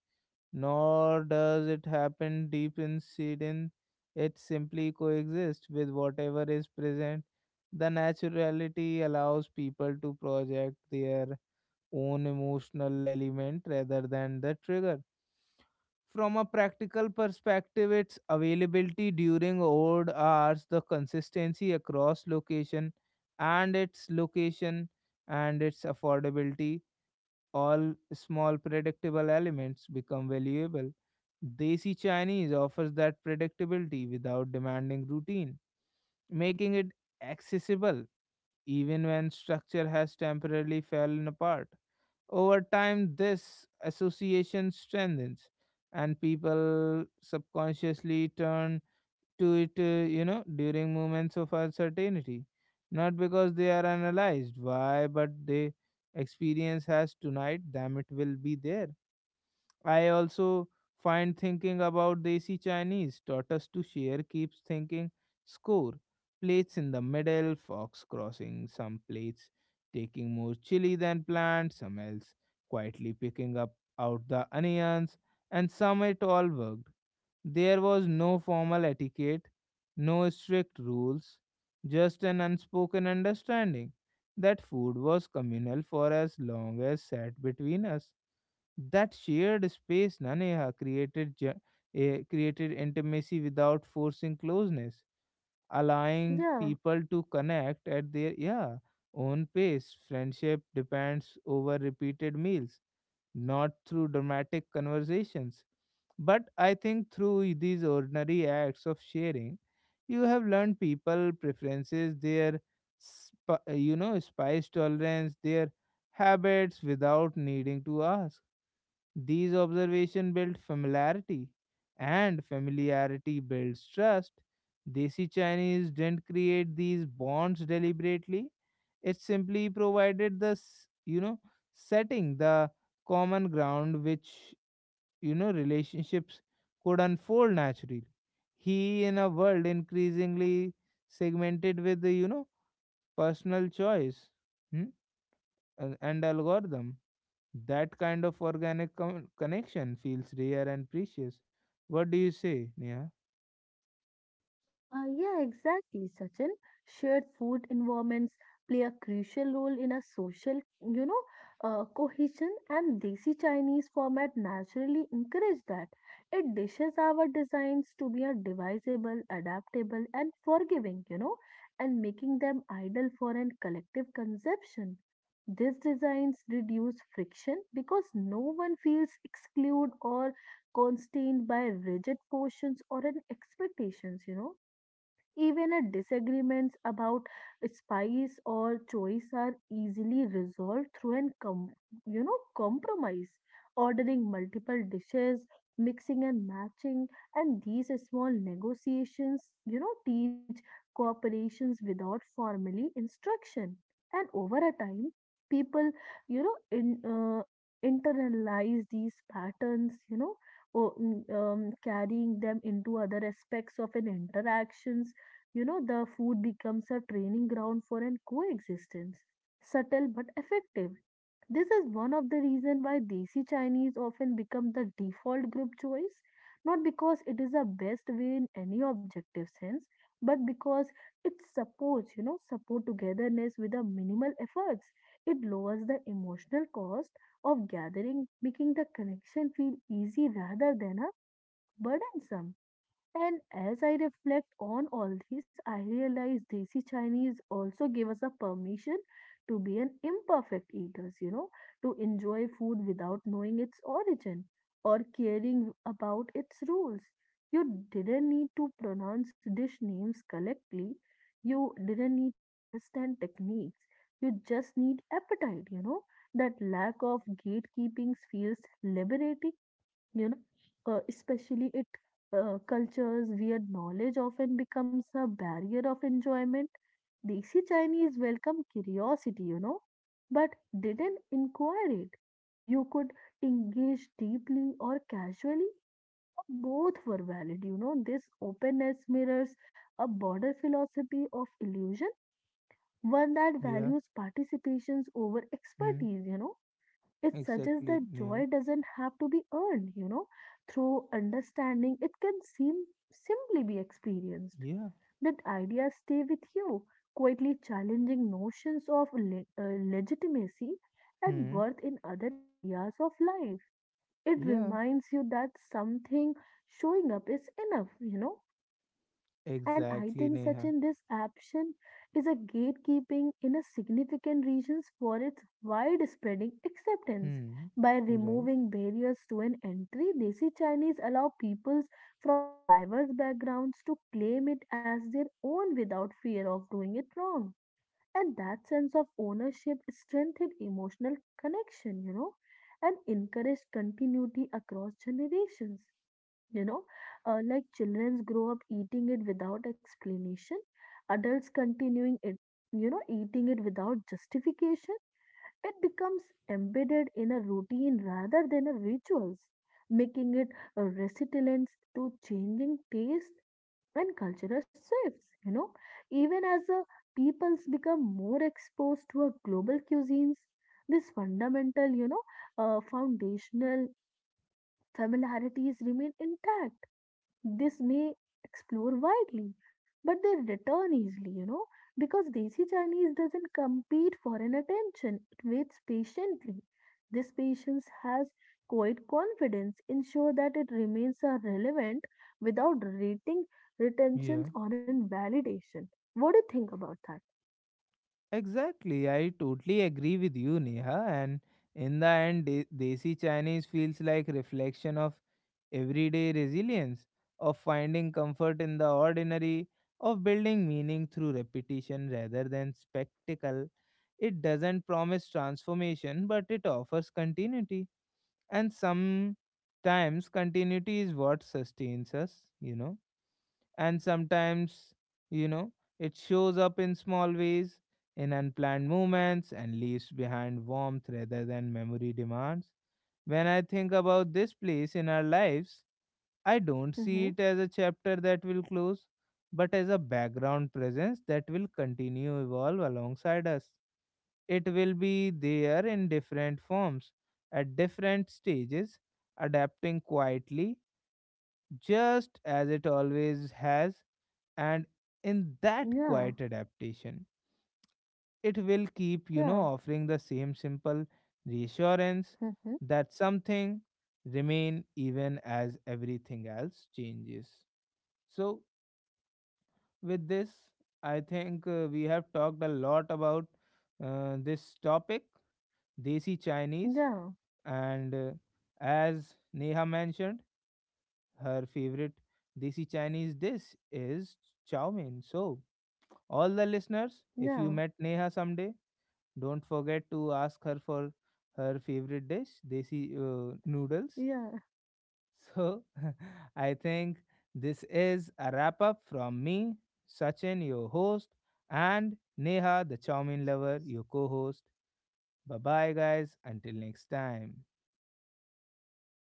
nor does it happen deep inside in it simply coexists with whatever is present. The naturality allows people to project their own emotional element rather than the trigger. From a practical perspective, its availability during odd hours, the consistency across location and its affordability, all small predictable elements become valuable. Desi Chinese offers that predictability without demanding routine, making it accessible even when structure has temporarily fallen apart. Over time, this association strengthens, and people subconsciously turn to it, you know, during moments of uncertainty. Not because they are analyzed why, but they experience has tonight, damn it will be there. I also find thinking about Desi Chinese taught us to share keeps thinking score. Plates in the middle, fox crossing some plates, taking more chili than planned, some else quietly picking up out the onions, and some it all worked. There was no formal etiquette, no strict rules, just an unspoken understanding that food was communal for as long as sat between us. That shared space, na Neha, created created intimacy without forcing closeness, allowing Yeah. people to connect at their yeah own pace. Friendship depends over repeated meals, not through dramatic conversations, but I think through these ordinary acts of sharing, you have learned people preferences, their you know spice tolerance, their habits without needing to ask these observations build familiarity, and familiarity builds trust. Desi Chinese didn't create these bonds deliberately. It simply provided the you know setting, the common ground which you know relationships could unfold naturally. He in a world increasingly segmented with the you know personal choice hmm, and algorithm. That kind of organic connection feels rare and precious. What do you say, Neha? Yeah, exactly, Sachin. Shared food environments play a crucial role in a social, you know, cohesion, and Desi Chinese format naturally encourage that. It dishes our designs to be a divisible, adaptable, and forgiving, you know, and making them ideal for an collective consumption. These designs reduce friction because no one feels excluded or constrained by rigid portions or an expectations, you know. Even a disagreements about spice or choice are easily resolved through an you know compromise, ordering multiple dishes, mixing and matching, and these small negotiations, you know, teach cooperations without formally instruction. And over a time, people, you know, in internalize these patterns, you know, carrying them into other aspects of an interactions, you know, the food becomes a training ground for an coexistence, subtle but effective. This is one of the reasons why desi chinese often become the default group choice, not because it is the best way in any objective sense, but because it supports you know support togetherness with a minimal efforts. It lowers the emotional cost of gathering, making the connection feel easy rather than a burdensome. And as I reflect on all these, I realize Desi Chinese also give us a permission to be an imperfect eaters, you know, to enjoy food without knowing its origin or caring about its rules. You didn't need to pronounce dish names correctly. You didn't need to understand techniques. You just need appetite, you know. That lack of gatekeeping feels liberating, you know, especially it cultures where knowledge often becomes a barrier of enjoyment. Desi chinese welcome curiosity, you know, but didn't inquire it. You could engage deeply or casually, or both were valid, you know, this openness mirrors a broader philosophy of illusion, one that Yeah. values participations over Hmm. expertise, you know, it suggests Exactly, that joy Neha. doesn't have to be earned, you know, through understanding. It can seem simply be experienced. Yeah. That ideas stay with you, quietly challenging notions of legitimacy and Hmm. worth in other areas of life. It Yeah. reminds you that something showing up is enough, you know, and I Exactly, think such Neha. in this action is a gatekeeping in a significant regions for its widespreading acceptance. Hmm. By Right. removing barriers to an entry, Desi Chinese allow peoples from a diverse backgrounds to claim it as their own without fear of doing it wrong. And that sense of ownership strengthened emotional connection, you know, and encouraged continuity across generations, you know, like children grow up eating it without explanation, adults continuing it, you know, eating it without justification, it becomes embedded in a routine rather than a rituals, making it a resilience to changing taste and cultural shifts, you know, even as the peoples become more exposed to a global cuisines, this fundamental, you know, foundational familiarities remain intact. This may explore widely, but they return easily, you know, because Desi Chinese doesn't compete for an attention. It waits patiently. This patience has quiet confidence, ensure that it remains a relevant without rating retentions Yeah. or invalidation. What do you think about that? Exactly. I totally agree with you, Neha. And in the end, Desi Chinese feels like reflection of everyday resilience, of finding comfort in the ordinary, of building meaning through repetition rather than spectacle. It doesn't promise transformation, but it offers continuity. And sometimes continuity is what sustains us, you know. And sometimes, you know, it shows up in small ways, in unplanned moments, and leaves behind warmth rather than memory demands. When I think about this place in our lives, I don't see Mm-hmm. it as a chapter that will close, but as a background presence that will continue evolve alongside us. It will be there in different forms, at different stages, adapting quietly, just as it always has. And in that Yeah, quiet adaptation, it will keep, you know, yeah, offering the same simple reassurance mm-hmm. that something remain even as everything else changes. So, with this, I think we have talked a lot about this topic, Desi Chinese. Yeah, And as Neha mentioned, her favorite desi Chinese dish is chow mein. So, all the listeners, if yeah, you met Neha someday, don't forget to ask her for her favorite dish, desi noodles. yeah. So, I think this is a wrap up from me, Sachin, your host, and Neha, the chow mein lover, your co host. Bye bye, guys. Until next time.